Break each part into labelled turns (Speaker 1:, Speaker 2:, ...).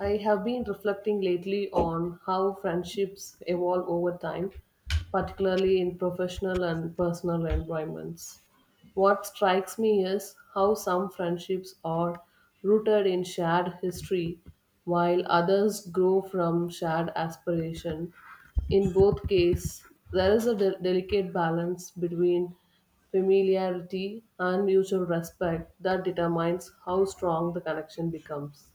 Speaker 1: I have been reflecting lately on how friendships evolve over time, particularly in professional and personal environments. What strikes me is how some friendships are rooted in shared history, while others grow from shared aspiration. In both cases, there is a delicate balance between familiarity and mutual respect that determines how strong the connection becomes.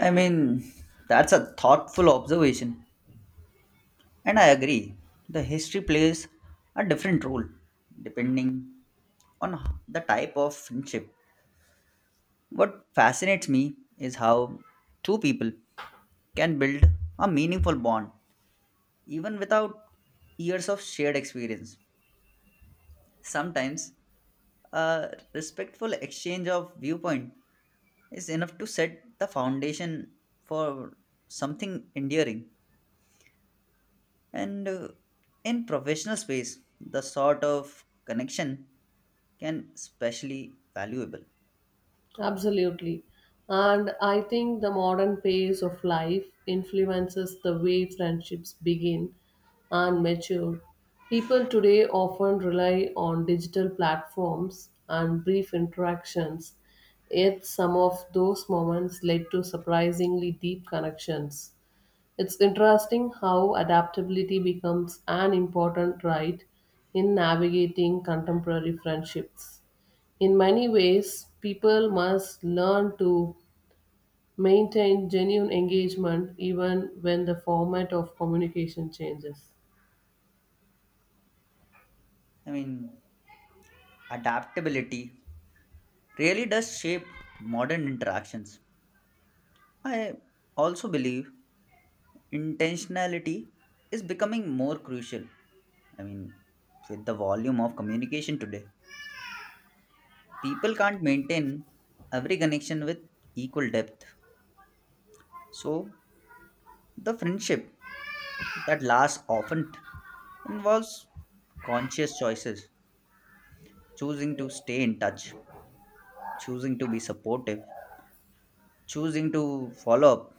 Speaker 2: I mean, that's a thoughtful observation, and I agree. The history plays a different role depending on h- the type of friendship. What fascinates me is how two people can build a meaningful bond even without years of shared experience. Sometimes, a respectful exchange of viewpoint is enough to set the foundation for something enduring. And In professional space, the sort of connection can especially valuable.
Speaker 1: Absolutely. And I think the modern pace of life influences the way friendships begin and mature. People today often rely on digital platforms and brief interactions, yet, some of those moments led to surprisingly deep connections. It's interesting how adaptability becomes an important right in navigating contemporary friendships. In many ways, people must learn to maintain genuine engagement even when the format of communication changes.
Speaker 2: I mean, Adaptability really does shape modern interactions. I also believe intentionality is becoming more crucial. I mean, with the volume of communication today, people can't maintain every connection with equal depth. So, the friendship that last often involves conscious choices choosing to stay in touch choosing to be supportive choosing to follow up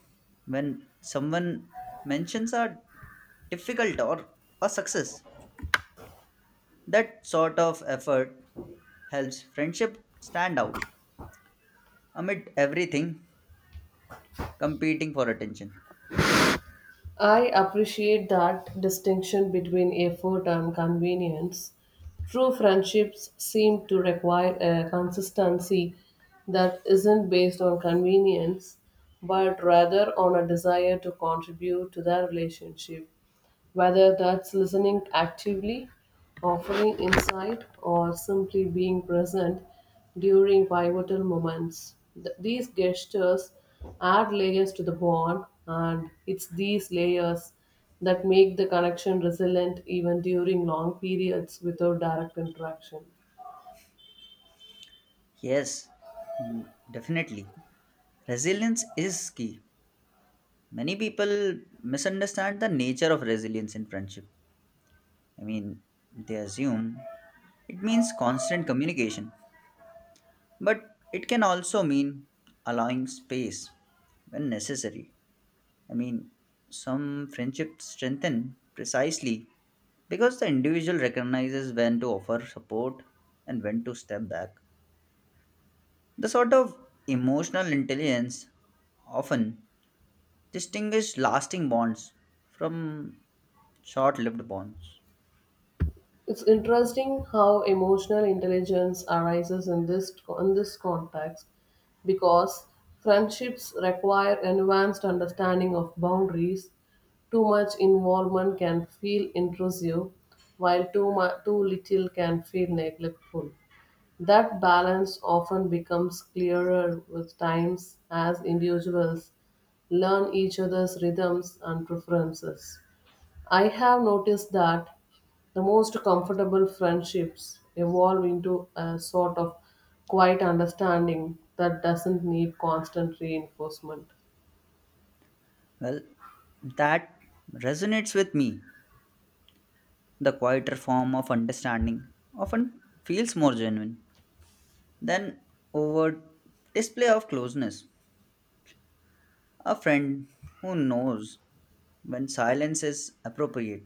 Speaker 2: when someone mentions a difficult or a success that sort of effort helps friendship stand out amid everything competing for attention.
Speaker 1: I appreciate that distinction between effort and convenience. True friendships seem to require a consistency that isn't based on convenience, but rather on a desire to contribute to the relationship, whether that's listening actively, offering insight, or simply being present during pivotal moments. These gestures add layers to the bond, and it's these layers that make the connection resilient even during long periods without direct interaction.
Speaker 2: Yes. Mm, definitely. Resilience is key. Many people misunderstand the nature of resilience in friendship. I mean, they assume it means constant communication, but it can also mean allowing space when necessary. I mean, some friendships strengthen precisely because the individual recognizes when to offer support and when to step back. The sort of emotional intelligence often distinguishes lasting bonds from short lived bonds.
Speaker 1: It's interesting how emotional intelligence arises in this context because friendships require advanced understanding of boundaries. Too much involvement can feel intrusive, while too little can feel neglectful. That balance often becomes clearer with times as individuals learn each other's rhythms and preferences. I have noticed that the most comfortable friendships evolve into a sort of quiet understanding that doesn't need constant reinforcement.
Speaker 2: Well, that resonates with me. The quieter form of understanding often feels more genuine than overt display of closeness. A friend who knows when silence is appropriate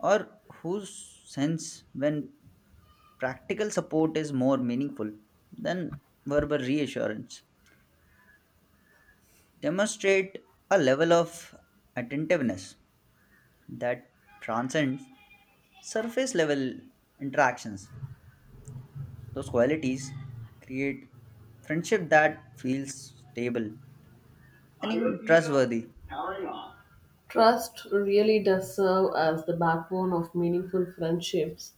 Speaker 2: or whose sense when practical support is more meaningful than verbal reassurance demonstrate a level of attentiveness that transcends surface level interactions. Those qualities create friendship that feels stable and even trustworthy.
Speaker 1: Trust really does serve as the backbone of meaningful friendships.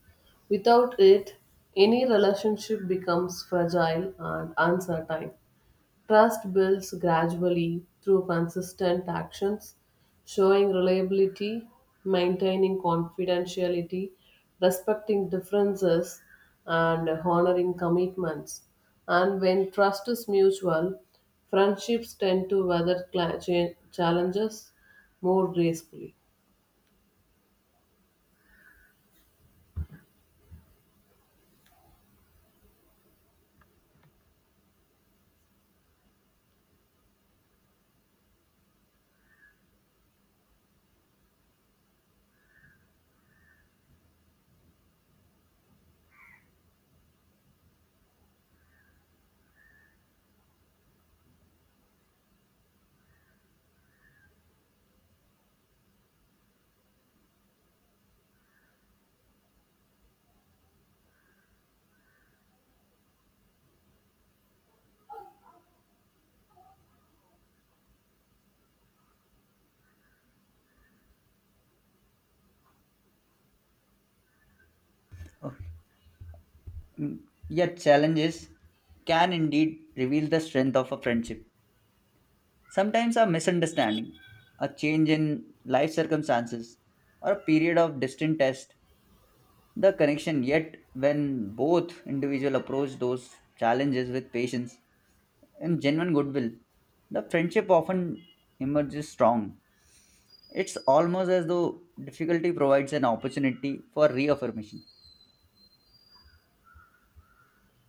Speaker 1: Without it, any relationship becomes fragile and uncertain. Trust builds gradually through consistent actions, showing reliability, maintaining confidentiality, respecting differences, and honoring commitments. And when trust is mutual, friendships tend to weather challenges more gracefully.
Speaker 2: Oh, yet challenges can indeed reveal the strength of a friendship. Sometimes a misunderstanding, a change in life circumstances, or a period of distant test, the connection yet when both individual approach those challenges with patience and genuine goodwill, the friendship often emerges strong. It's almost as though difficulty provides an opportunity for reaffirmation.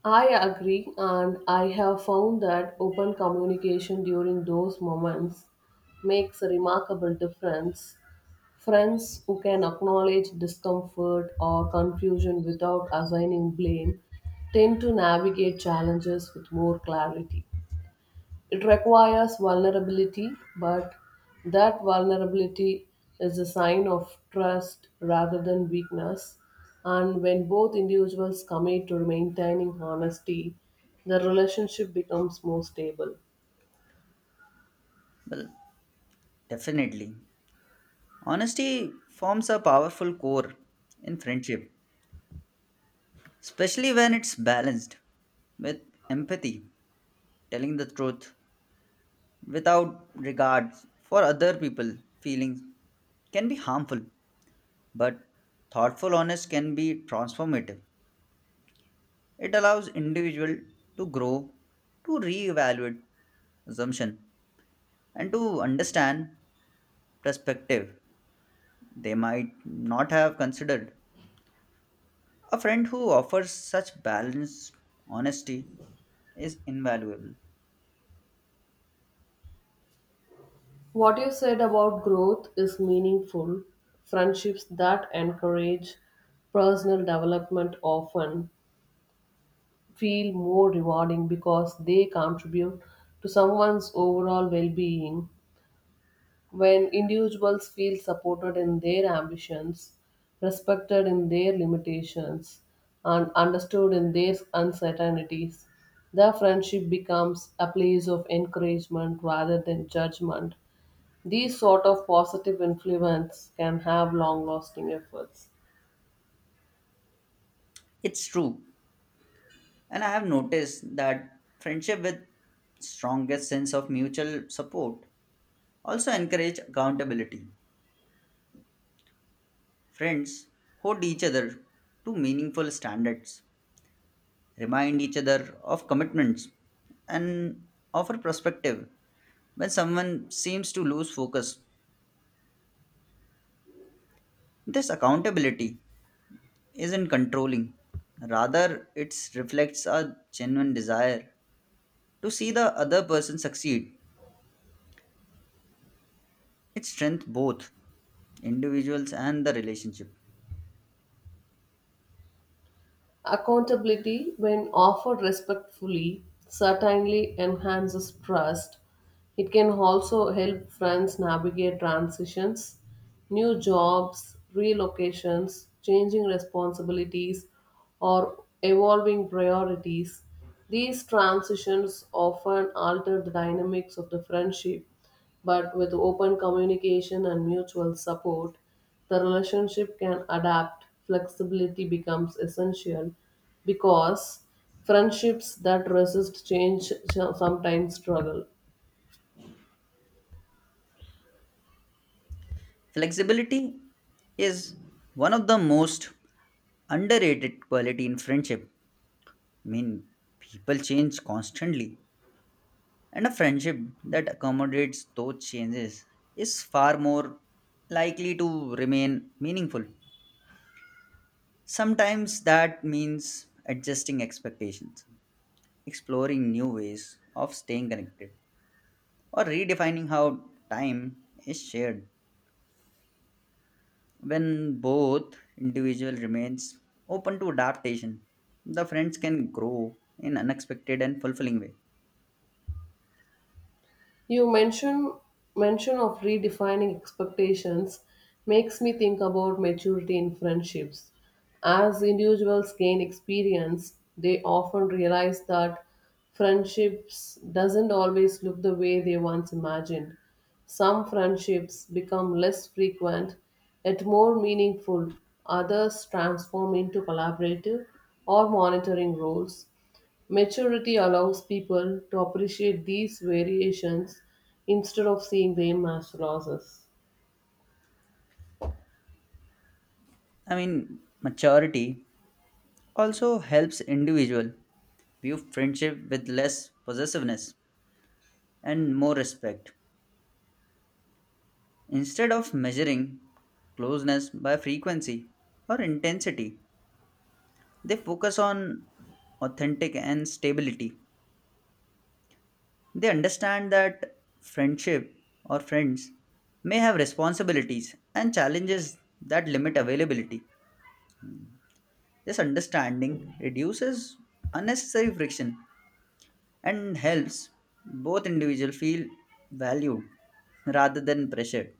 Speaker 1: I agree, and I have found that open communication during those moments makes a remarkable difference. Friends who can acknowledge discomfort or confusion without assigning blame tend to navigate challenges with more clarity. It requires vulnerability, but that vulnerability is a sign of trust rather than weakness. And when both individuals commit to maintaining honesty, the relationship becomes more stable.
Speaker 2: Well, definitely. Honesty forms a powerful core in friendship, especially when it's balanced with empathy, telling the truth without regard for other people's feelings can be harmful, but thoughtful honest can be transformative. It allows individual to grow, to reevaluate assumption, and to understand perspective they might not have considered. A friend who offers such balanced honesty is invaluable.
Speaker 1: What you said about growth is meaningful. Friendships that encourage personal development often feel more rewarding because they contribute to someone's overall well being. When individuals feel supported in their ambitions, respected in their limitations, and understood in their uncertainties, their friendship becomes a place of encouragement rather than judgment. These sort of positive influence can have long lasting effects.
Speaker 2: It's true, and I have noticed that friendship with strongest sense of mutual support also encourage accountability. Friends hold each other to meaningful standards, remind each other of commitments, and offer perspective when someone seems to lose focus. This accountability isn't controlling. Rather, it reflects a genuine desire to see the other person succeed. It strengthens both individuals and the relationship.
Speaker 1: Accountability, when offered respectfully, certainly enhances trust. It can also help friends navigate transitions, new jobs, relocations, changing responsibilities, or evolving priorities. These transitions often alter the dynamics of the friendship, but with open communication and mutual support, the relationship can adapt. Flexibility becomes essential because friendships that resist change sometimes struggle.
Speaker 2: Flexibility is one of the most underrated quality in friendship. I mean, People change constantly, and a friendship that accommodates those changes is far more likely to remain meaningful. Sometimes that means adjusting expectations exploring new ways of staying connected or redefining how time is shared. When both individual remains open to adaptation, the friends can grow in unexpected and fulfilling way.
Speaker 1: You mention of redefining expectations makes me think about maturity in friendships. As individuals gain experience, they often realize that friendships doesn't always look the way they once imagined. Some friendships become less frequent, yet more meaningful. Others transform into collaborative or monitoring roles. Maturity allows people to appreciate these variations instead of seeing them as losses.
Speaker 2: Maturity also helps individual view friendship with less possessiveness and more respect. Instead of measuring closeness by frequency or intensity, they focus on authentic and stability. They understand that friendship or friends may have responsibilities and challenges that limit availability. This understanding reduces unnecessary friction and helps both individuals feel valued rather than pressured.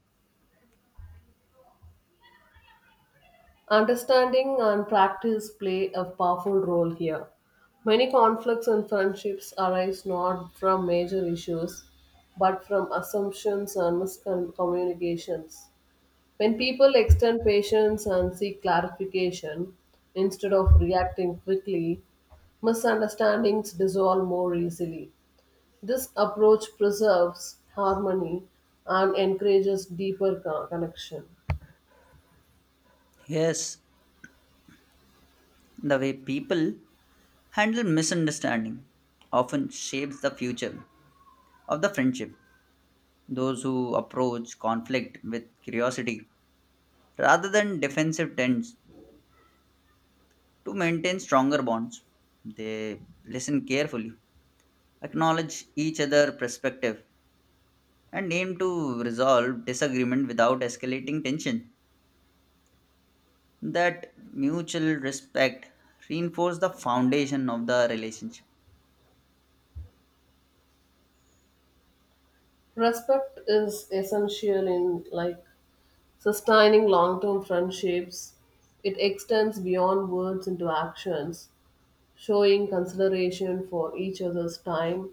Speaker 1: Understanding and practice play a powerful role here. Many conflicts and friendships arise not from major issues but from assumptions and miscommunications. When people extend patience and seek clarification instead of reacting quickly, misunderstandings dissolve more easily. This approach preserves harmony and encourages deeper connection.
Speaker 2: Yes, the way people handle misunderstanding often shapes the future of the friendship. Those who approach conflict with curiosity rather than defensive tends to maintain stronger bonds, they listen carefully, acknowledge each other's perspective, and aim to resolve disagreement without escalating tension. That mutual respect reinforces the foundation of the relationship.
Speaker 1: Respect is essential in like sustaining long-term friendships. It extends beyond words into actions, showing consideration for each other's time,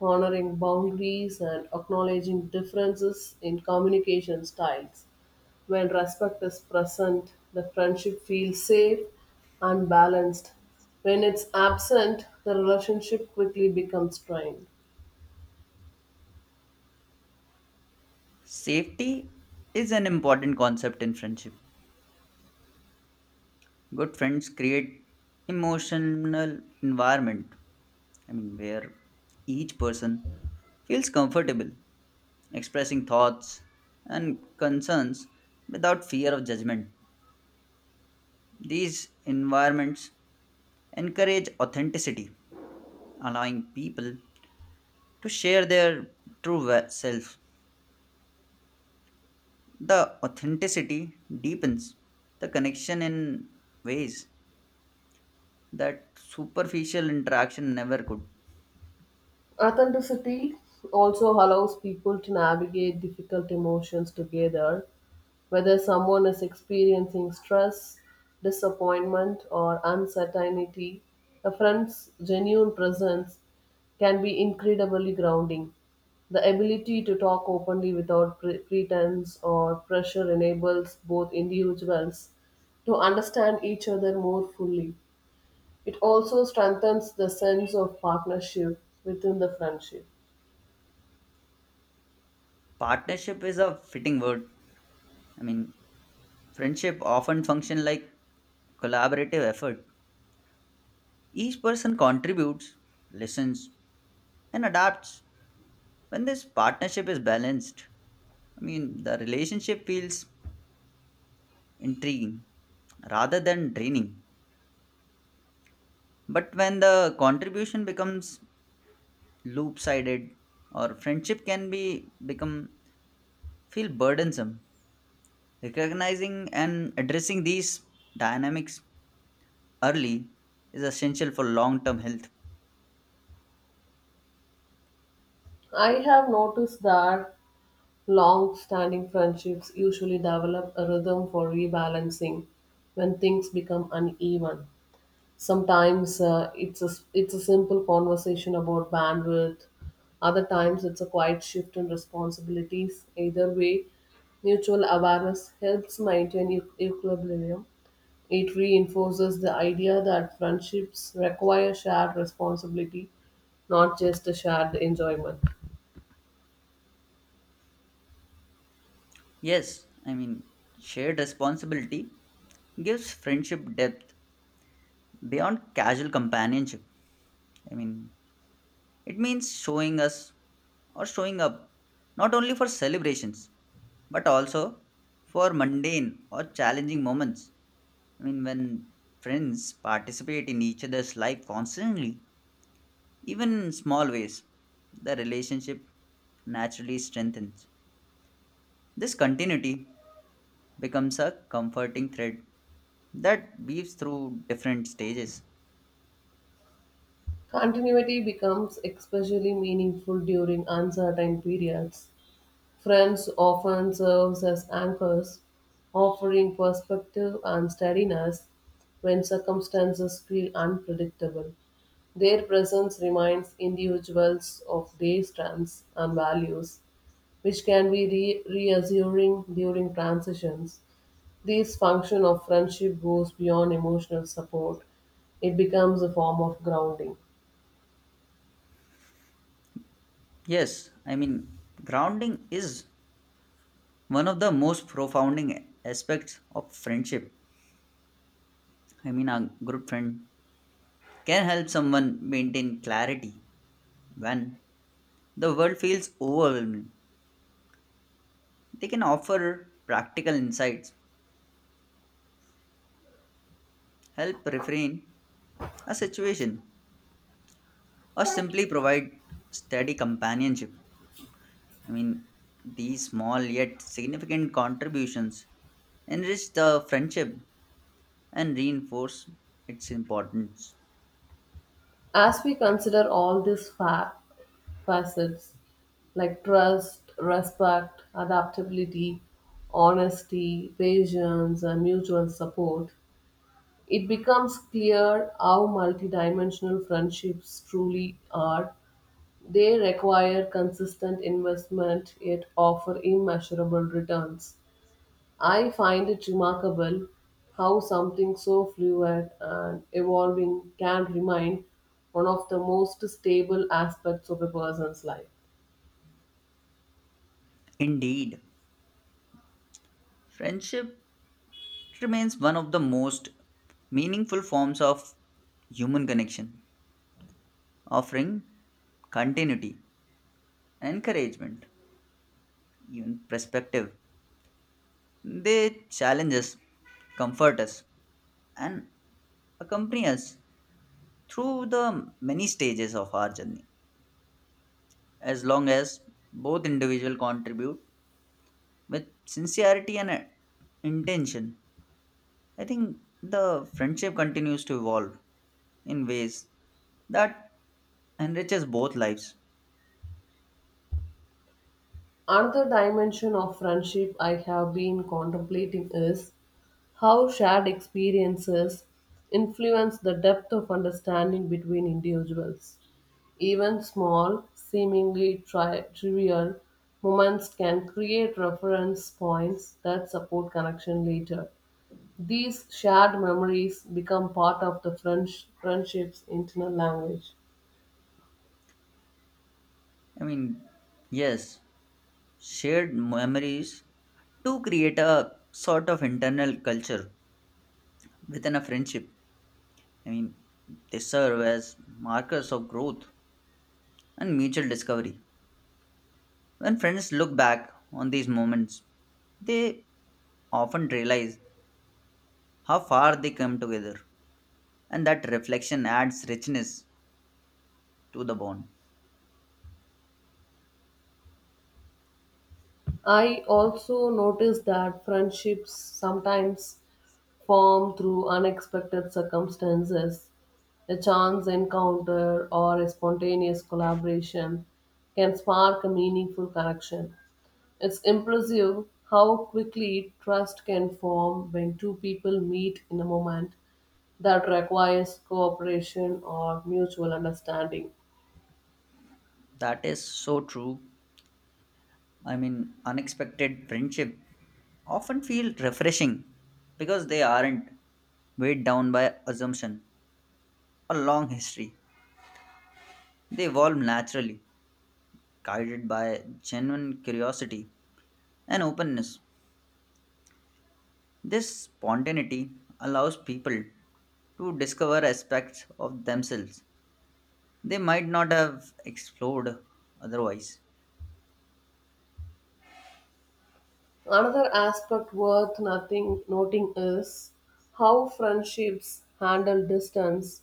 Speaker 1: honoring boundaries and acknowledging differences in communication styles. When respect is present, the friendship feels safe and balanced. When it's absent, the relationship quickly becomes strained.
Speaker 2: Safety is an important concept in friendship. Good friends create emotional environment. Where each person feels comfortable expressing thoughts and concerns without fear of judgment. These environments encourage authenticity, allowing people to share their true self. The authenticity deepens the connection in ways that superficial interaction never could.
Speaker 1: Authenticity also allows people to navigate difficult emotions together, whether someone is experiencing stress, disappointment, or uncertainty. A friend's genuine presence can be incredibly grounding. The ability to talk openly without pretense or pressure enables both individuals to understand each other more fully. It also strengthens the sense of partnership within the friendship.
Speaker 2: Partnership is a fitting word. I mean, Friendship often function like collaborative effort. Each person contributes, listens, and adapts. When this partnership is balanced, the relationship feels intriguing rather than draining. But when the contribution becomes loop-sided or friendship can be become feel burdensome, recognizing and addressing these dynamics early is essential for long-term health.
Speaker 1: I have noticed that long standing friendships usually develop a rhythm for rebalancing when things become uneven. Sometimes it's a simple conversation about bandwidth, other times it's a quiet shift in responsibilities. Either way, mutual awareness helps maintain equilibrium. It reinforces the idea that friendships require shared responsibility, not just a shared enjoyment.
Speaker 2: Yes, shared responsibility gives friendship depth beyond casual companionship. I mean, It means showing us or showing up not only for celebrations but also for mundane or challenging moments. When friends participate in each other's life constantly, even in small ways, the relationship naturally strengthens. This continuity becomes a comforting thread that weaves through different stages.
Speaker 1: Continuity becomes especially meaningful during uncertain periods. Friends often serves as anchors, offering perspective and steadiness when circumstances feel unpredictable. Their presence reminds individuals of their strengths and values, which can be reassuring during transitions. This function of friendship goes beyond emotional support, it becomes a form of grounding.
Speaker 2: Yes, grounding is one of the most profounding aspects of friendship. A good friend can help someone maintain clarity when the world feels overwhelming. They can offer practical insights, help refrain a situation, or simply provide steady companionship. I mean, these small yet significant contributions enrich the friendship and reinforce its importance.
Speaker 1: As we consider all facets like trust, respect, adaptability, honesty, patience, and mutual support, it becomes clear how multidimensional friendships truly are. They require consistent investment yet offer immeasurable returns. I find it remarkable how something so fluid and evolving can remain one of the most stable aspects of a person's life.
Speaker 2: Indeed, friendship remains one of the most meaningful forms of human connection offering continuity and encouragement, even perspective. They challenge us, comfort us, and accompany us through the many stages of our journey. As long as both individuals contribute with sincerity and intention, I think the friendship continues to evolve in ways that enriches both lives.
Speaker 1: Another dimension of friendship I have been contemplating is how shared experiences influence the depth of understanding between individuals. Even small, seemingly trivial moments can create reference points that support connection later. These shared memories become part of the friendship's internal language.
Speaker 2: I mean, yes, shared memories to create a sort of internal culture within a friendship. I mean, they serve as markers of growth and mutual discovery. When friends look back on these moments, they often realize how far they come together, and that reflection adds richness to the bond.
Speaker 1: I also notice that friendships sometimes form through unexpected circumstances. A chance encounter or a spontaneous collaboration can spark a meaningful connection. It's impressive how quickly trust can form when two people meet in a moment that requires cooperation or mutual understanding.
Speaker 2: That is so true. Unexpected friendship often feel refreshing because they aren't weighed down by assumption or long history. They evolve naturally, guided by genuine curiosity and openness. This spontaneity allows people to discover aspects of themselves they might not have explored otherwise.
Speaker 1: Another aspect worth nothing noting is how friendships handle distance.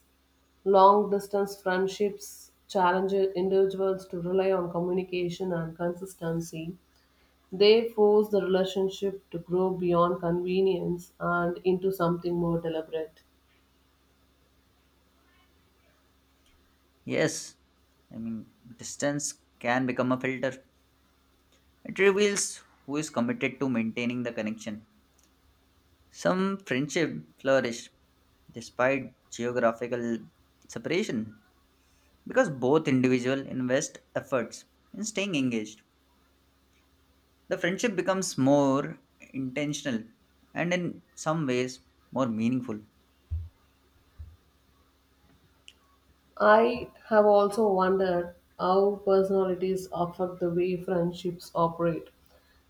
Speaker 1: Long distance friendships challenge individuals to rely on communication and consistency. They force the relationship to grow beyond convenience and into something more deliberate.
Speaker 2: Yes, I mean, distance can become a filter. It reveals who is committed to maintaining the connection. Some friendship flourish despite geographical separation because both individuals invest efforts in staying engaged. The friendship becomes more intentional and in some ways more meaningful.
Speaker 1: I have also wondered how personalities affect the way friendships operate.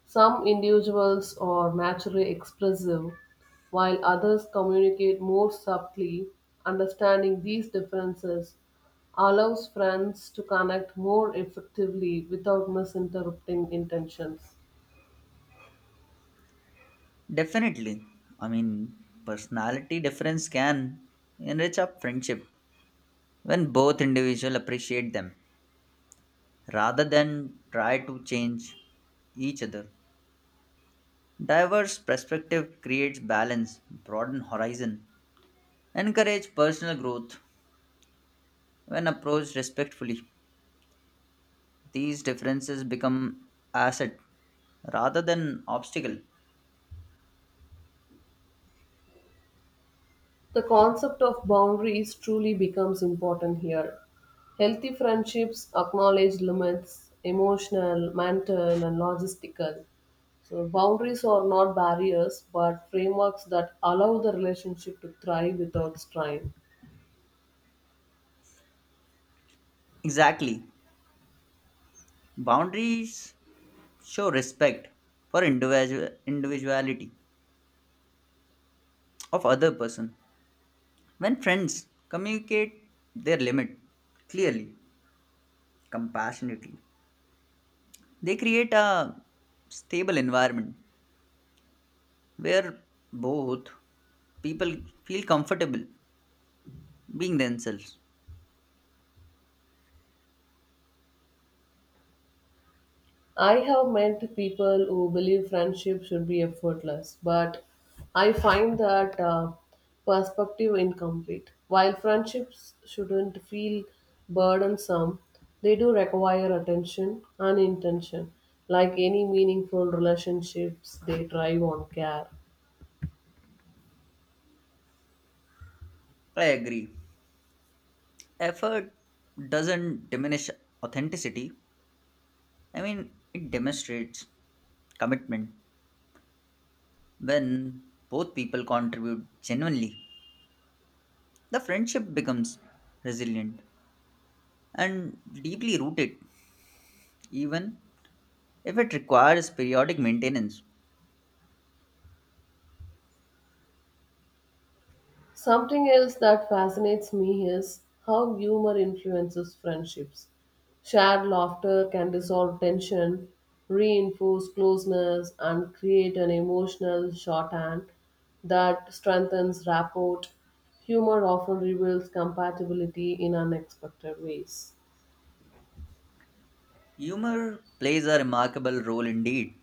Speaker 1: Some individuals are naturally expressive, while others communicate more subtly. Understanding these differences allows friends to connect more effectively without misinterpreting intentions.
Speaker 2: Definitely, I mean, personality difference can enrich a friendship when both individuals appreciate them rather than try to change each other. Diverse perspective creates balance, broaden horizon, encourage personal growth when approached respectfully. These differences become asset rather than obstacle.
Speaker 1: The concept of boundaries truly becomes important here. Healthy friendships acknowledge limits, emotional, mental, and logistical. So, boundaries are not barriers but frameworks that allow the relationship to thrive without strain.
Speaker 2: Exactly. Boundaries show respect for individual individuality of other person. When friends communicate their limit clearly, compassionately, they create a stable environment where both people feel comfortable being themselves.
Speaker 1: I have met people who believe friendship should be effortless, but I find that perspective incomplete. While friendships shouldn't feel burdensome, they do require attention and intention. Like any meaningful relationships, they thrive on care.
Speaker 2: I agree. Effort doesn't diminish authenticity. It demonstrates commitment. When both people contribute genuinely, the friendship becomes resilient and deeply rooted, even if it requires periodic maintenance.
Speaker 1: Something else that fascinates me is how humor influences friendships. Shared laughter can dissolve tension, reinforce closeness, and create an emotional shorthand that strengthens rapport. Humor often reveals compatibility in unexpected ways.
Speaker 2: Humor plays a remarkable role indeed.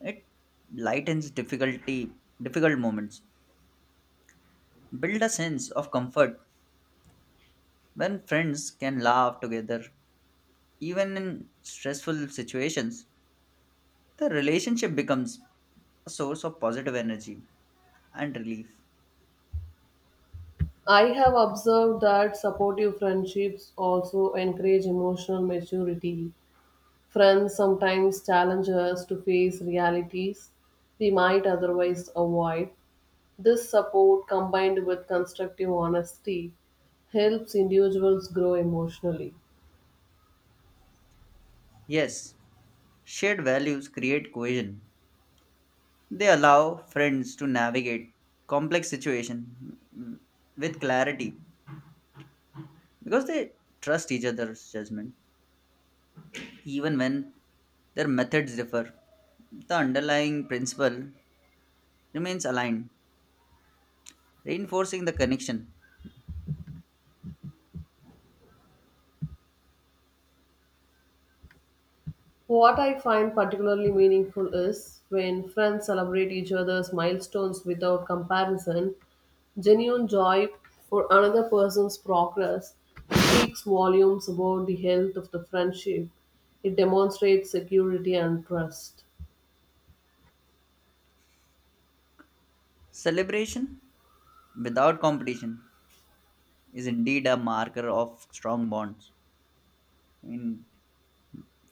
Speaker 2: It lightens difficult moments build a sense of comfort when friends can laugh together even in stressful situations the relationship becomes a source of positive energy and relief.
Speaker 1: I have observed that supportive friendships also encourage emotional maturity. Friends sometimes challenge us to face realities we might otherwise avoid. This support, combined with constructive honesty, helps individuals grow emotionally.
Speaker 2: Yes, shared values create cohesion, they allow friends to navigate complex situations with clarity because they trust each other's judgment even when their methods differ, the underlying principle remains aligned reinforcing the connection.
Speaker 1: What I find particularly meaningful is when friends celebrate each other's milestones without comparison, genuine joy for another person's progress speaks volumes about the health of the friendship. It demonstrates security and trust.
Speaker 2: Celebration without competition is indeed a marker of strong bonds. I mean,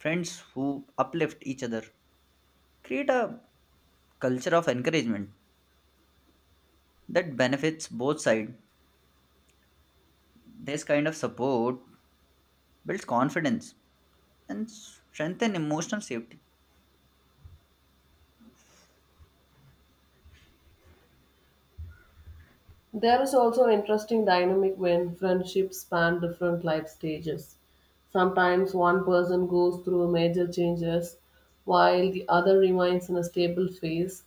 Speaker 2: Friends who uplift each other create a culture of encouragement that benefits both sides. This kind of support builds confidence and strengthen emotional safety.
Speaker 1: There is also an interesting dynamic when friendships span different life stages. Sometimes one person goes through major changes while the other remains in a stable phase,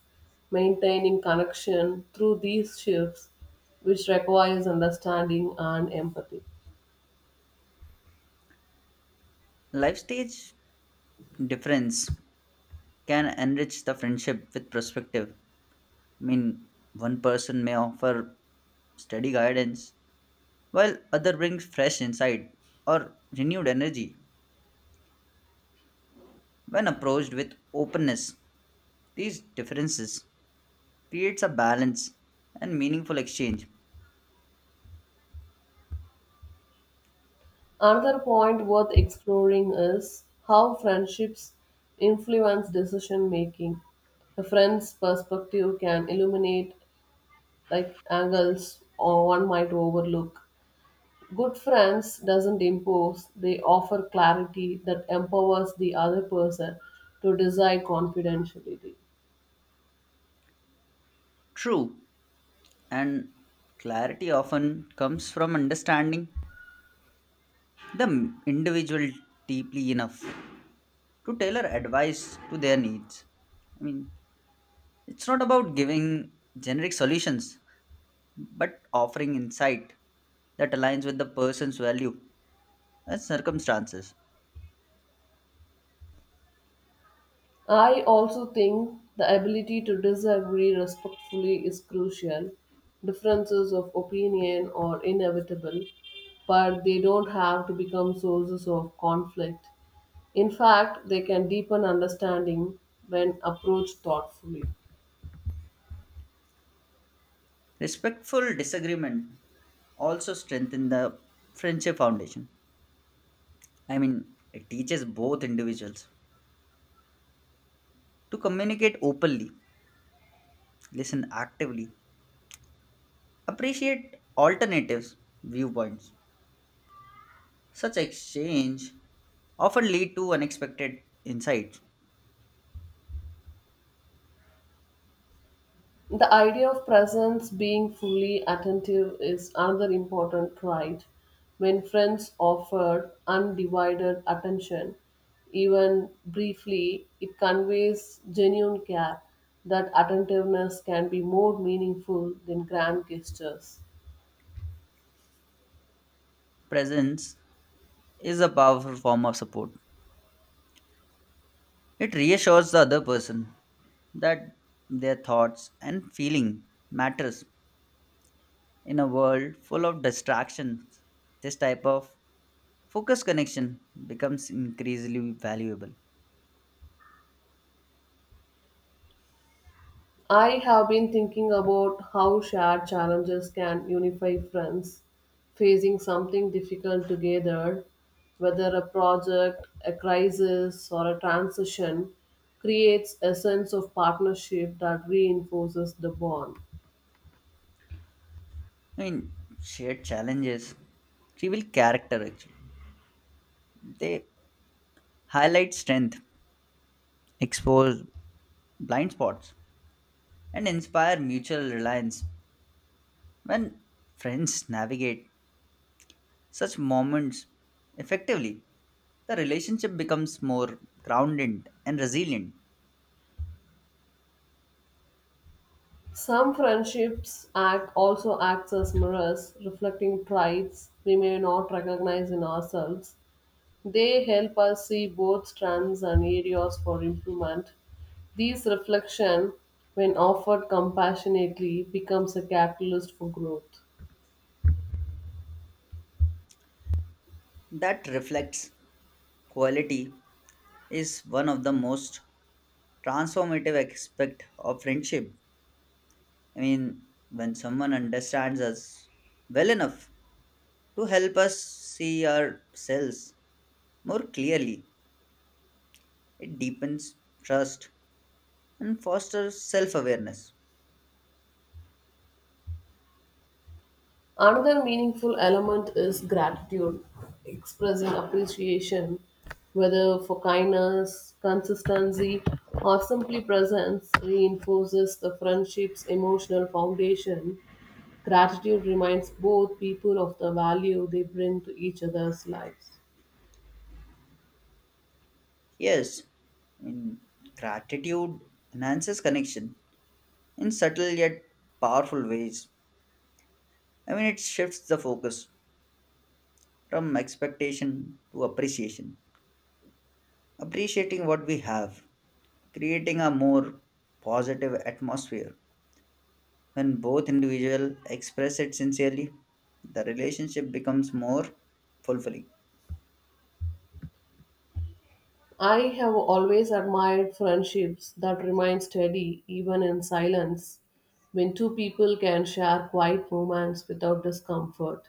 Speaker 1: maintaining connection through these shifts, which requires understanding and empathy.
Speaker 2: Life stage difference can enrich the friendship with perspective. I mean, One person may offer steady guidance while other brings fresh insight or renewed energy. When approached with openness, these differences creates a balance and meaningful exchange.
Speaker 1: Another point worth exploring is how friendships influence decision making. A friend's perspective can illuminate like angles or one might overlook. Good friends doesn't impose, they offer clarity that empowers the other person to decide confidentiality.
Speaker 2: True, and clarity often comes from understanding the individual deeply enough to tailor advice to their needs. I mean, it's not about giving generic solutions, but offering insight that aligns with the person's value and circumstances.
Speaker 1: I also think the ability to disagree respectfully is crucial. Differences of opinion are inevitable, but they don't have to become sources of conflict. In fact, they can deepen understanding when approached thoughtfully.
Speaker 2: Respectful disagreement also strengthen the friendship foundation. It teaches both individuals to communicate openly, listen actively, appreciate alternatives, viewpoints. Such exchange often lead to unexpected insights.
Speaker 1: The idea of presence being fully attentive is another important trait. When friends offer undivided attention, even briefly, it conveys genuine care. That attentiveness can be more meaningful than grand gestures.
Speaker 2: Presence is a powerful form of support. It reassures the other person that their thoughts and feeling matters. In a world full of distractions, this type of focused connection becomes increasingly valuable.
Speaker 1: I have been thinking about how shared challenges can unify friends facing something difficult together, whether a project, a crisis, or a transition creates a sense of partnership that reinforces the bond.
Speaker 2: I mean, Shared challenges reveal character actually. They highlight strength, expose blind spots, and inspire mutual reliance. When friends navigate such moments effectively, the relationship becomes more grounded and resilient.
Speaker 1: Some friendships act also acts as mirrors, reflecting traits we may not recognize in ourselves. They help us see both strengths and areas for improvement. These reflection, when offered compassionately, becomes a catalyst for growth.
Speaker 2: That reflects quality is one of the most transformative aspect of friendship. I mean, when someone understands us well enough to help us see ourselves more clearly. It deepens trust and fosters self awareness.
Speaker 1: Another meaningful element is gratitude, expressing appreciation, whether for kindness, consistency, or simply presence, reinforces the friendship's emotional foundation. Gratitude reminds both people of the value they bring to each other's lives.
Speaker 2: Yes, in gratitude enhances connection in subtle yet powerful ways. It shifts the focus from expectation to appreciation, appreciating what we have, creating a more positive atmosphere. When both individuals express it sincerely, the relationship becomes more fulfilling.
Speaker 1: I have always admired friendships that remain steady even in silence. When two people can share quiet moments without discomfort,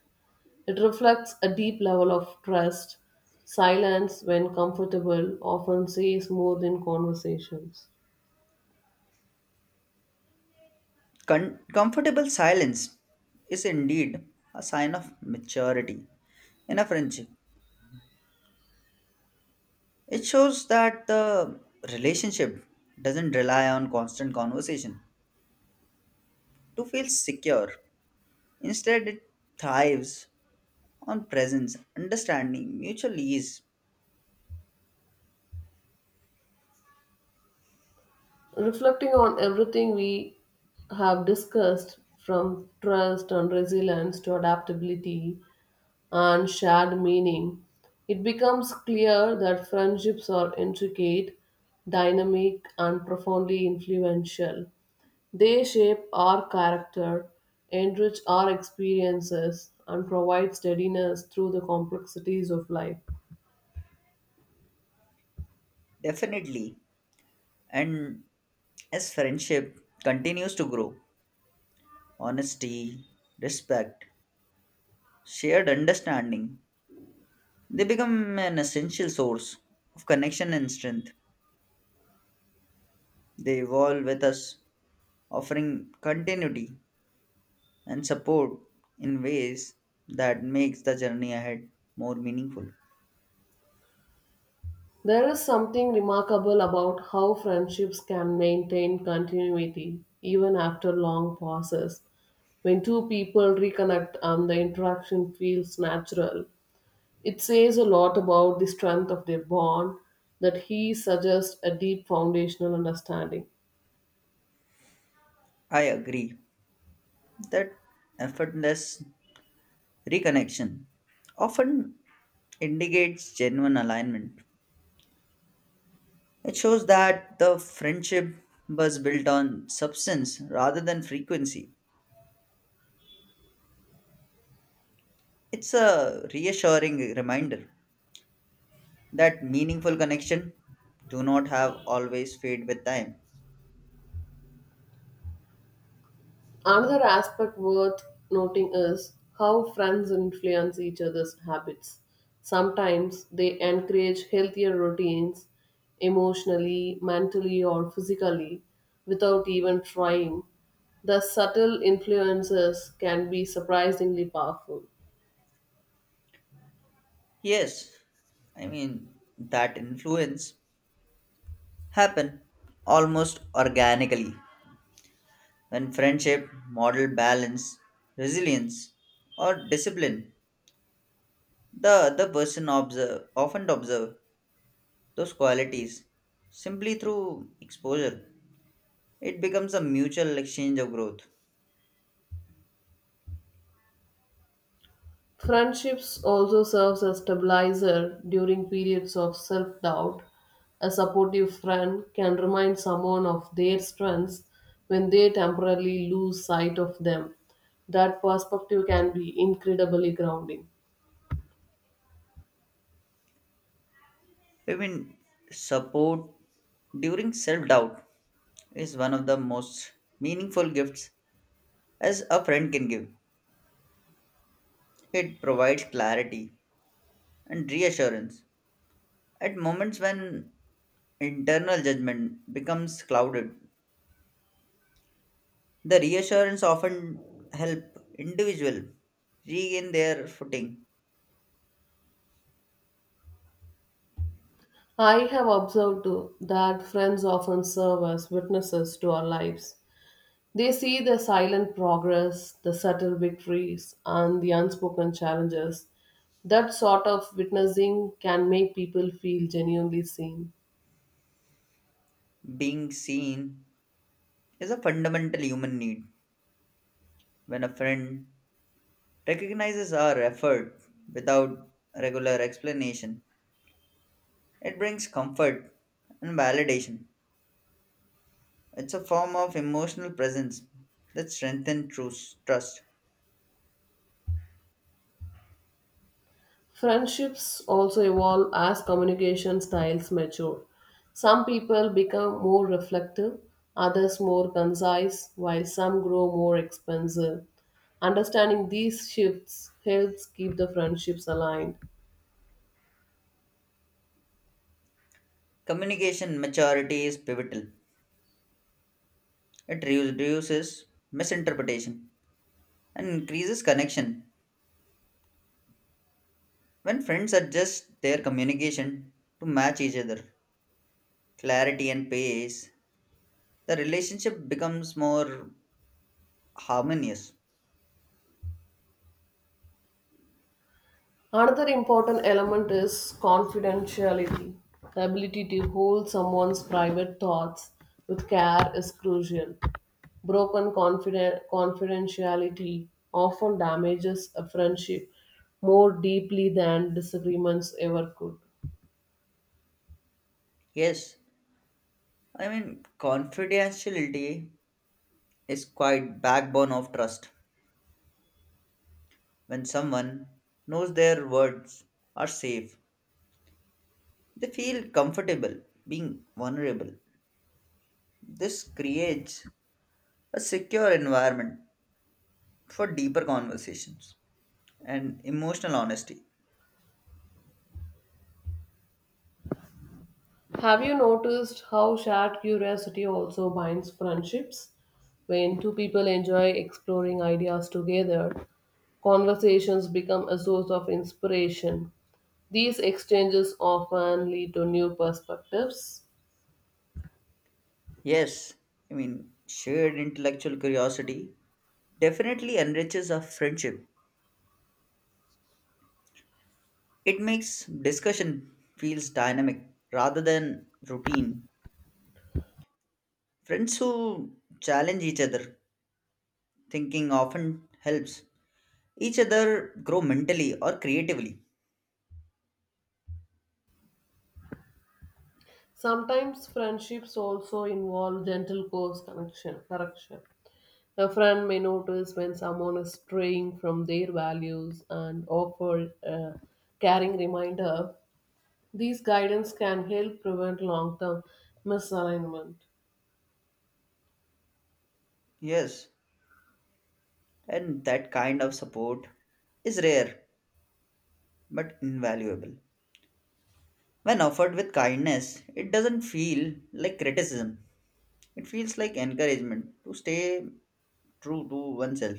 Speaker 1: it reflects a deep level of trust. Silence, when comfortable, often says more than conversations.
Speaker 2: Comfortable silence is indeed a sign of maturity in a friendship. It shows that the relationship doesn't rely on constant conversation to feel secure. Instead, it thrives on presence, understanding, mutual ease,
Speaker 1: Reflecting on everything we have discussed, from trust and resilience to adaptability, and shared meaning, it becomes clear that friendships are intricate, dynamic, and profoundly influential. They shape our character, enrich our experiences, and provide steadiness through the complexities of life.
Speaker 2: definitely. And as friendship continues to grow, honesty, respect, shared understanding, they become an essential source of connection and strength. They evolve with us, offering continuity and support in ways that makes the journey ahead more meaningful.
Speaker 1: There is something remarkable about how friendships can maintain continuity even after long pauses. When two people reconnect and the interaction feels natural, it says a lot about the strength of their bond that he suggests a deep foundational understanding.
Speaker 2: I agree that effortless reconnection often indicates genuine alignment. It shows that the friendship was built on substance rather than frequency. It's a reassuring reminder that meaningful connection do not have always fade with time.
Speaker 1: Another aspect worth noting is how friends influence each other's habits. Sometimes they encourage healthier routines emotionally, mentally, or physically without even trying. The subtle influences can be surprisingly powerful.
Speaker 2: Yes, I mean that influence happen almost organically when friendship model balance, resilience, or discipline. The other person observe often observe those qualities simply through exposure. It becomes a mutual exchange of growth.
Speaker 1: Friendships also serves as stabilizer during periods of self-doubt. A supportive friend can remind someone of their strengths when they temporarily lose sight of them. That perspective can be incredibly grounding.
Speaker 2: I mean support during self doubt is one of the most meaningful gifts as a friend can give. It provides clarity and reassurance. At moments when internal judgment becomes clouded, the reassurance often help individual regain their footing.
Speaker 1: I have observed too that friends often serve as witnesses to our lives. They see the silent progress, the subtle victories, and the unspoken challenges. That sort of witnessing can make people feel genuinely seen.
Speaker 2: Being seen is a fundamental human need. When a friend recognizes our effort without regular explanation, it brings comfort and validation. It's a form of emotional presence that strengthens trust.
Speaker 1: Friendships also evolve as communication styles mature. Some people become more reflective, others more concise, while some grow more expansive. Understanding these shifts helps keep the friendships aligned.
Speaker 2: Communication maturity is pivotal. It reduces misinterpretation and increases connection. When friends adjust their communication to match each other, clarity and pace, the relationship becomes more harmonious.
Speaker 1: Another important element is confidentiality. The ability to hold someone's private thoughts with care is crucial. Broken confidentiality often damages a friendship more deeply than disagreements ever could.
Speaker 2: Yes, I mean, confidentiality is quite backbone of trust. When someone knows their words are safe, they feel comfortable being vulnerable. This creates a secure environment for deeper conversations and emotional honesty.
Speaker 1: Have you noticed how shared curiosity also binds friendships? When two people enjoy exploring ideas together, conversations become a source of inspiration. These exchanges often lead to new perspectives.
Speaker 2: Yes, I mean, shared intellectual curiosity definitely enriches a friendship. It makes discussion feels dynamic rather than routine. Friends who challenge each other thinking often helps each other grow mentally or creatively.
Speaker 1: Sometimes friendships also involve gentle course connection, correction. A friend may notice when someone is straying from their values and offer a caring reminder. These guidance can help prevent long term misalignment.
Speaker 2: Yes, and that kind of support is rare but invaluable. When offered with kindness, it doesn't feel like criticism. It feels like encouragement to stay true to oneself.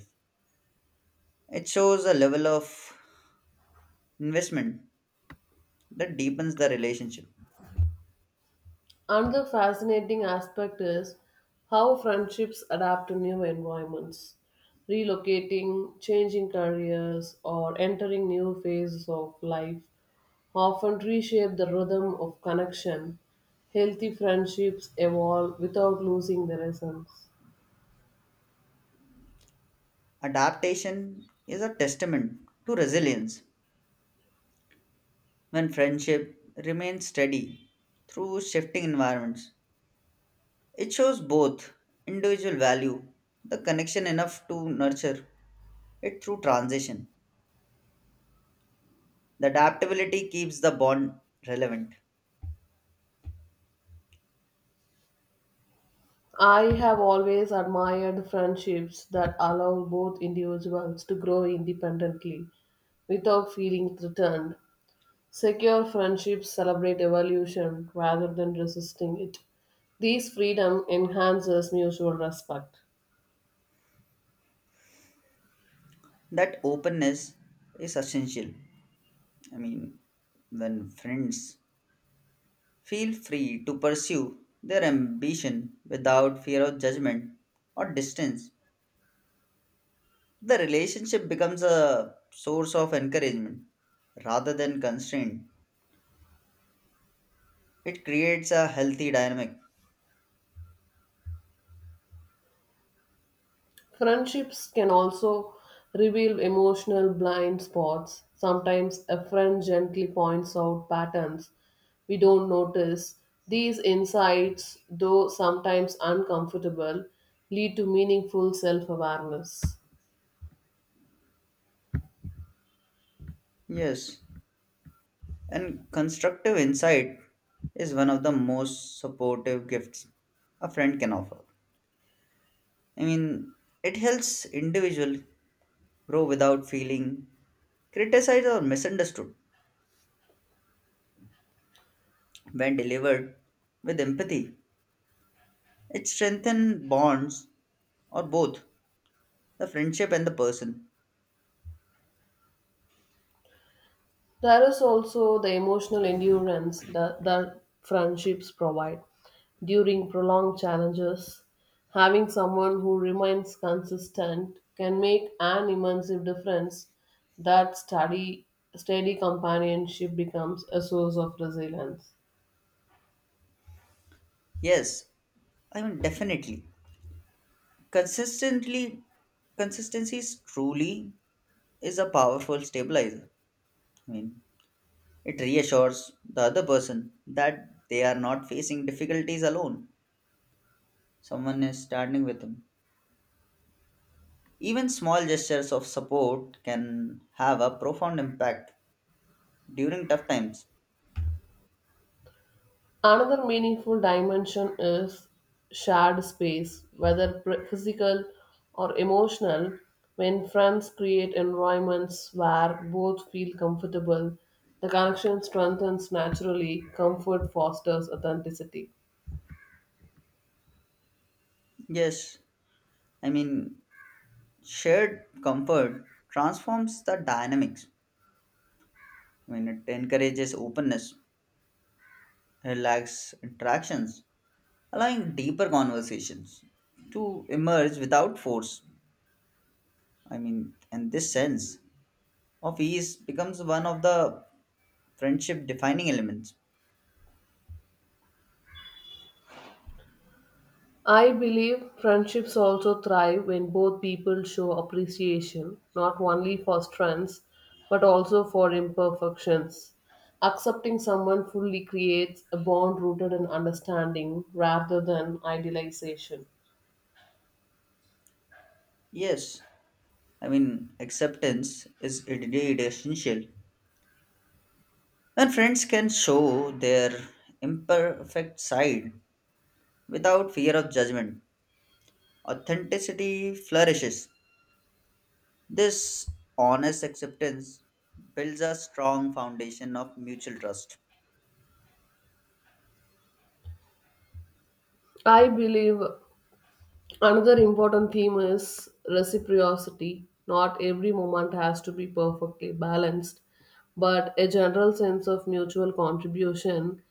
Speaker 2: It shows a level of investment that deepens the relationship.
Speaker 1: Another fascinating aspect is how friendships adapt to new environments. Relocating, changing careers, or entering new phases of life often reshape the rhythm of connection. Healthy friendships evolve without losing their essence.
Speaker 2: Adaptation is a testament to resilience when friendship remains steady through shifting environments. It shows both individual value, the connection enough to nurture it through transition. The adaptability keeps the bond relevant.
Speaker 1: I have always admired friendships that allow both individuals to grow independently without feeling threatened. Secure friendships celebrate evolution rather than resisting it. This freedom enhances mutual respect.
Speaker 2: That openness is essential. I mean, when friends feel free to pursue their ambition without fear of judgment or distance, the relationship becomes a source of encouragement rather than constraint. It creates a healthy dynamic.
Speaker 1: Friendships can also reveal emotional blind spots. Sometimes a friend gently points out patterns we don't notice. These insights, though sometimes uncomfortable, lead to meaningful self awareness.
Speaker 2: Yes, and constructive insight is one of the most supportive gifts a friend can offer. I mean, it helps individual grow without feeling criticized or misunderstood, when delivered with empathy. It strengthens bonds or both the friendship and the person.
Speaker 1: There is also the emotional endurance that friendships provide. During prolonged challenges, having someone who remains consistent can make an immense difference. That steady companionship becomes a source of resilience.
Speaker 2: Yes, I mean definitely. Consistently consistency is truly is a powerful stabilizer. I mean, it reassures the other person that they are not facing difficulties alone. Someone is standing with them. Even small gestures of support can have a profound impact during tough times.
Speaker 1: Another meaningful dimension is shared space, whether physical or emotional, when friends create environments where both feel comfortable. The connection strengthens naturally, comfort fosters authenticity.
Speaker 2: Yes, I mean, shared comfort transforms the dynamics, when it encourages openness, relaxed interactions, allowing deeper conversations to emerge without force. I mean, and this sense of ease becomes one of the friendship defining elements.
Speaker 1: I believe friendships also thrive when both people show appreciation, not only for strengths, but also for imperfections. Accepting someone fully creates a bond rooted in understanding rather than idealization.
Speaker 2: Yes, I mean, acceptance is indeed essential. When friends can show their imperfect side without fear of judgment, authenticity flourishes. This honest acceptance builds a strong foundation of mutual trust.
Speaker 1: I believe Another important theme is reciprocity. Not every moment has to be perfectly balanced, but a general sense of mutual contribution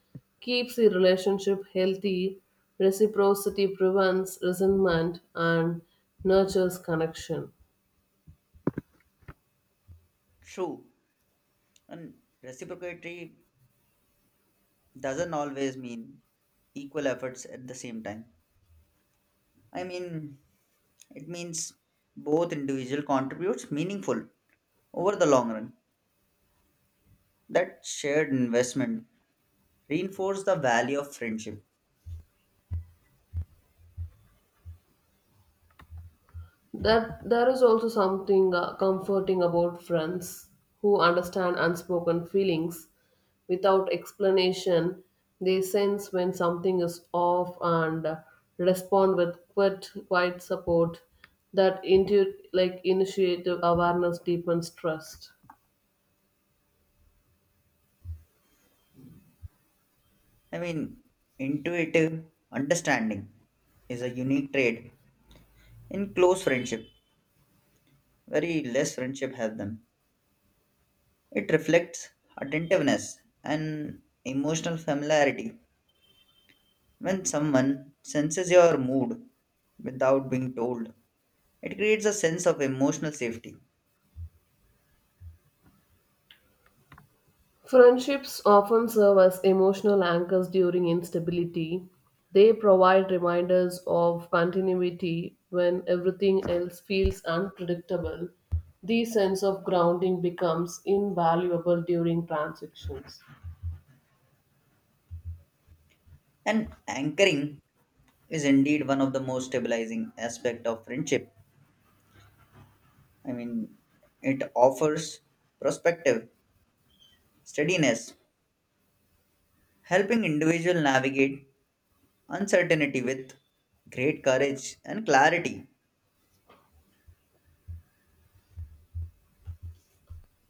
Speaker 1: keeps the relationship healthy. Reciprocity prevents resentment and nurtures connection.
Speaker 2: True, and reciprocity doesn't always mean equal efforts at the same time. I mean, it means both individual contributes meaningful over the long run. That shared investment reinforces the value of friendship.
Speaker 1: That there is also something comforting about friends who understand unspoken feelings without explanation. They sense when something is off and respond with quiet support. That initiative awareness deepens trust.
Speaker 2: I mean, intuitive understanding is a unique trait in close friendship. Very less friendship have them. It reflects attentiveness and emotional familiarity. When someone senses your mood without being told, it creates a sense of emotional safety.
Speaker 1: Friendships often serve as emotional anchors during instability. They provide reminders of continuity when everything else feels unpredictable. The sense of grounding becomes invaluable during transitions.
Speaker 2: And anchoring is indeed one of the most stabilizing aspect of friendship. I mean, it offers perspective, steadiness, helping individual navigate uncertainty with great courage and clarity.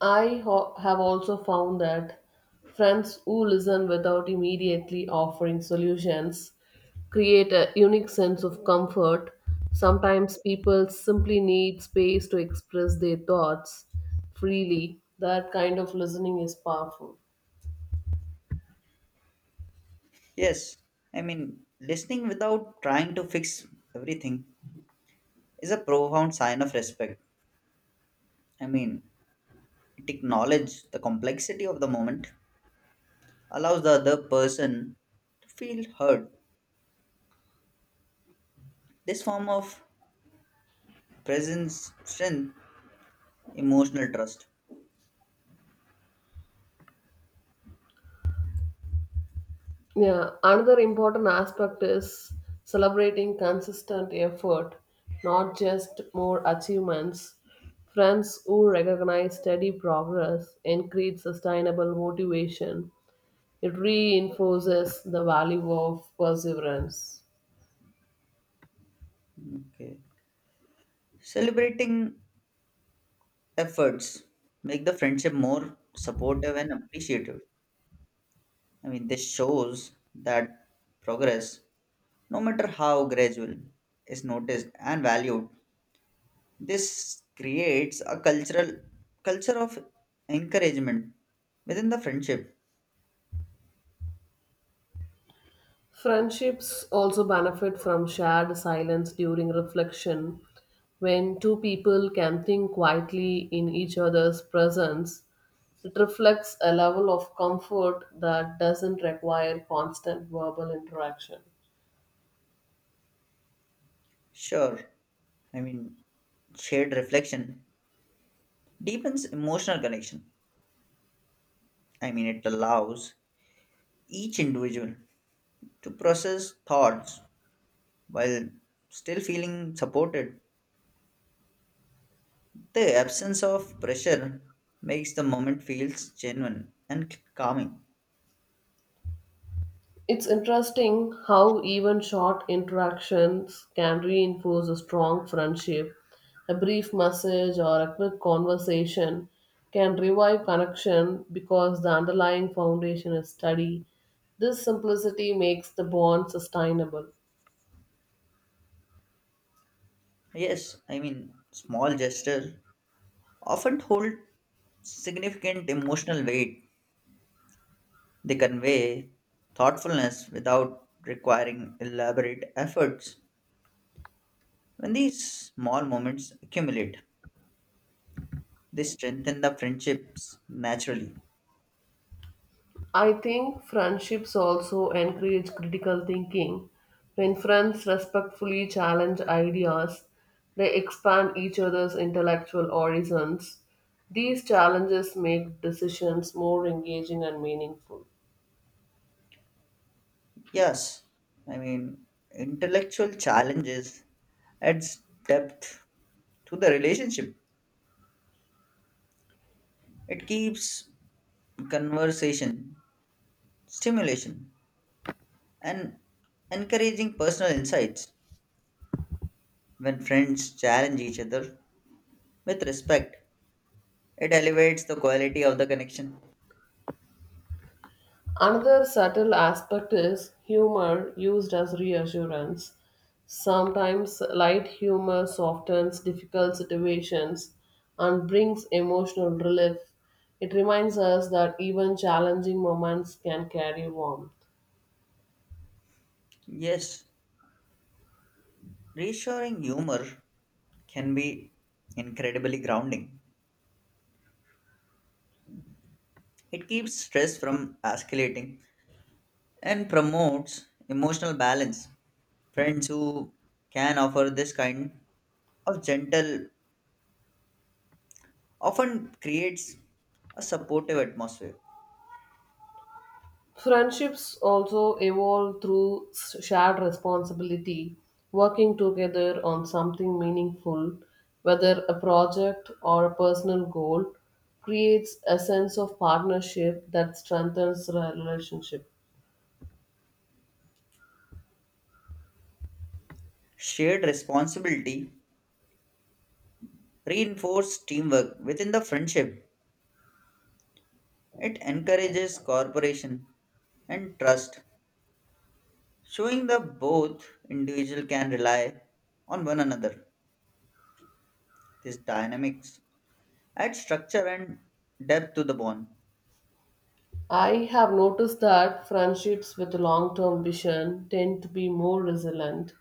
Speaker 1: I have also found that friends who listen without immediately offering solutions create a unique sense of comfort. Sometimes people simply need space to express their thoughts freely. That kind of listening is powerful.
Speaker 2: Yes, I mean, listening without trying to fix everything is a profound sign of respect. I mean, it acknowledges the complexity of the moment, allows the other person to feel heard. This form of presence strength emotional trust.
Speaker 1: Yeah, another important aspect is celebrating consistent effort, not just more achievements. Friends who recognize steady progress increase sustainable motivation. It reinforces the value of perseverance.
Speaker 2: Okay. Celebrating efforts make the friendship more supportive and appreciative. I mean, this shows that progress, no matter how gradual, is noticed and valued. This creates a cultural culture of encouragement within the friendship.
Speaker 1: Friendships also benefit from shared silence during reflection. When two people can think quietly in each other's presence, it reflects a level of comfort that doesn't require constant verbal interaction.
Speaker 2: Sure, I mean shared reflection deepens emotional connection. I mean, it allows each individual to process thoughts while still feeling supported. The absence of pressure makes the moment feels genuine and calming.
Speaker 1: It's interesting how even short interactions can reinforce a strong friendship. A brief message or a quick conversation can revive connection because the underlying foundation is steady. This simplicity makes the bond sustainable.
Speaker 2: Yes, I mean small gestures often hold significant emotional weight. They convey thoughtfulness without requiring elaborate efforts. When these small moments accumulate, they strengthen the friendships naturally.
Speaker 1: I think friendships also encourage critical thinking. When friends respectfully challenge ideas, they expand each other's intellectual horizons. These challenges make decisions more engaging and meaningful.
Speaker 2: Yes, I mean, intellectual challenges adds depth to the relationship. It keeps conversation, stimulation, and encouraging personal insights. When friends challenge each other with respect, it elevates the quality of the connection.
Speaker 1: Another subtle aspect is humor used as reassurance. Sometimes light humor softens difficult situations and brings emotional relief. It reminds us that even challenging moments can carry warmth.
Speaker 2: Yes, reassuring humor can be incredibly grounding. It keeps stress from escalating and promotes emotional balance. Friends who can offer this kind of gentle often creates a supportive atmosphere.
Speaker 1: Friendships also evolve through shared responsibility, working together on something meaningful, whether a project or a personal goal, creates a sense of partnership that strengthens the relationship.
Speaker 2: Shared responsibility reinforces teamwork within the friendship. It encourages cooperation and trust, showing that both individual can rely on one another. This dynamics add structure and depth to the bond.
Speaker 1: I have noticed that friendships with a long term vision tend to be more resilient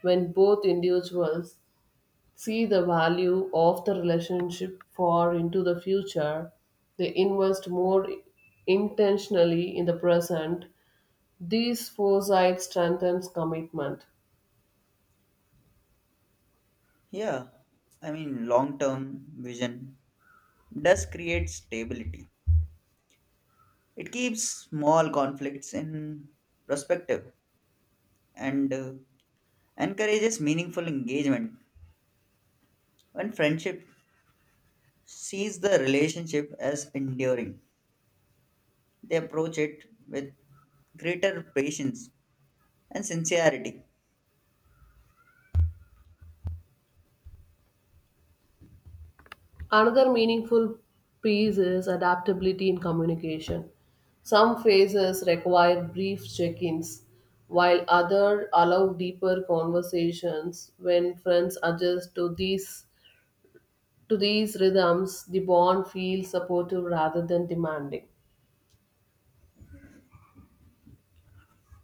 Speaker 1: when both individuals see the value of the relationship for into the future. They invest more intentionally in the present. These foresight strengthens commitment.
Speaker 2: Yeah, I mean long term vision does create stability. It keeps small conflicts in perspective and encourages meaningful engagement when friendship sees the relationship as enduring. They approach it with greater patience and sincerity.
Speaker 1: Another meaningful piece is adaptability in communication. Some phases require brief check-ins, while others allow deeper conversations. When friends adjust to these rhythms, the bond feels supportive rather than demanding.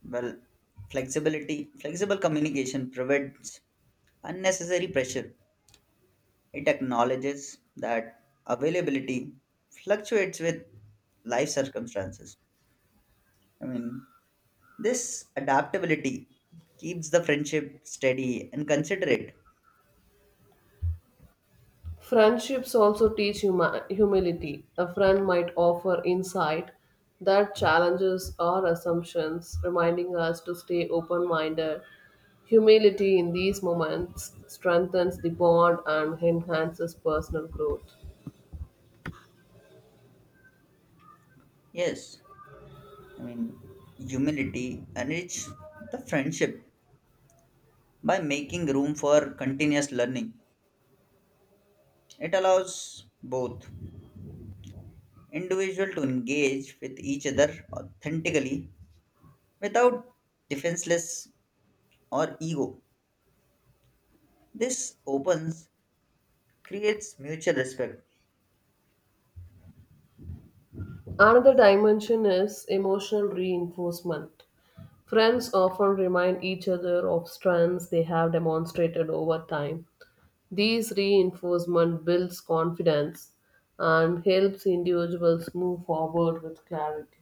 Speaker 2: Well, flexibility flexible communication prevents unnecessary pressure. It acknowledges that availability fluctuates with life circumstances. I mean, this adaptability keeps the friendship steady and considerate.
Speaker 1: Friendships also teach humility. A friend might offer insight that challenges our assumptions, reminding us to stay open minded. Humility in these moments strengthens the bond and enhances personal growth.
Speaker 2: Yes, I mean, humility enriches the friendship by making room for continuous learning. It allows both individual to engage with each other authentically without defenseless or ego. This opens creates mutual respect.
Speaker 1: Another dimension is emotional reinforcement. Friends often remind each other of strengths they have demonstrated over time. These reinforcement builds confidence and helps individuals move forward with clarity.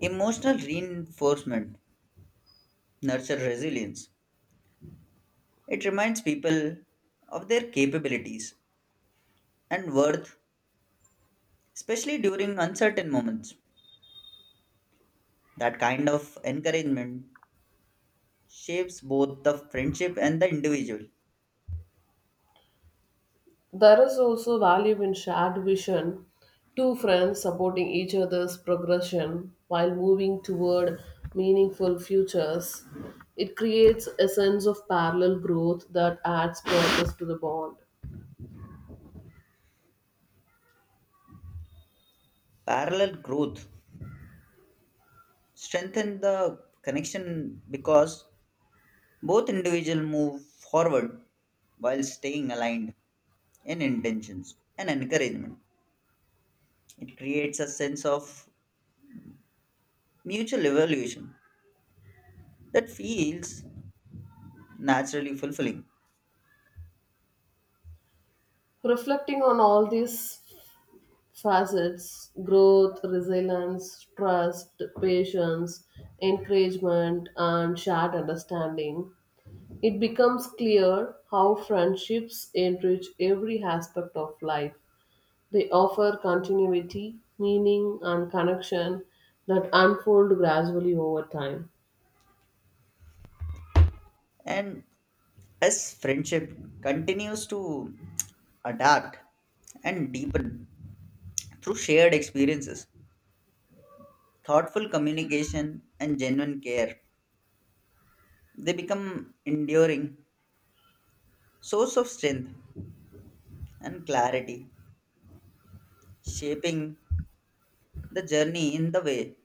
Speaker 2: Emotional reinforcement nurtures resilience. It reminds people of their capabilities and worth, especially during uncertain moments. That kind of encouragement shapes both the friendship and the individual.
Speaker 1: There is also value in shared vision, two friends supporting each other's progression while moving toward meaningful futures. It creates a sense of parallel growth that adds purpose to the bond.
Speaker 2: Parallel growth strengthens the connection because both individuals move forward while staying aligned in intentions and encouragement. It creates a sense of mutual evaluation that feels naturally fulfilling.
Speaker 1: Reflecting on all these facets growth, resilience, trust, patience, encouragement, and shared understanding, it becomes clear how friendships enrich every aspect of life. They offer continuity, meaning, and connection that unfold gradually over time.
Speaker 2: And as friendship continues to adapt and deepen through shared experiences, thoughtful communication, and genuine care, they become enduring source of strength and clarity, shaping the journey in the way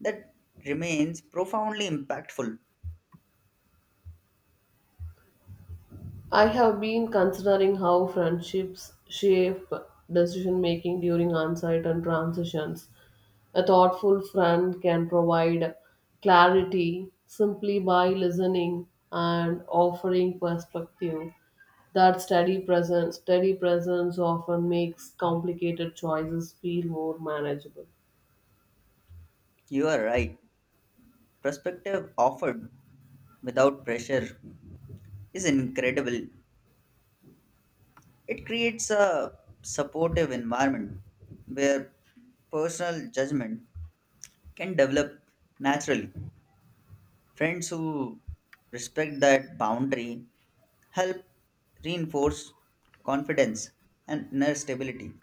Speaker 2: that remains profoundly impactful.
Speaker 1: I have been considering how friendships shape decision making during onset and transitions. A thoughtful friend can provide clarity simply by listening and offering perspective. That steady presence often makes complicated choices feel more manageable.
Speaker 2: You are right. Perspective offered without pressure is incredible. It creates a supportive environment where personal judgment can develop naturally. Friends who respect that boundary help reinforce confidence and inner stability.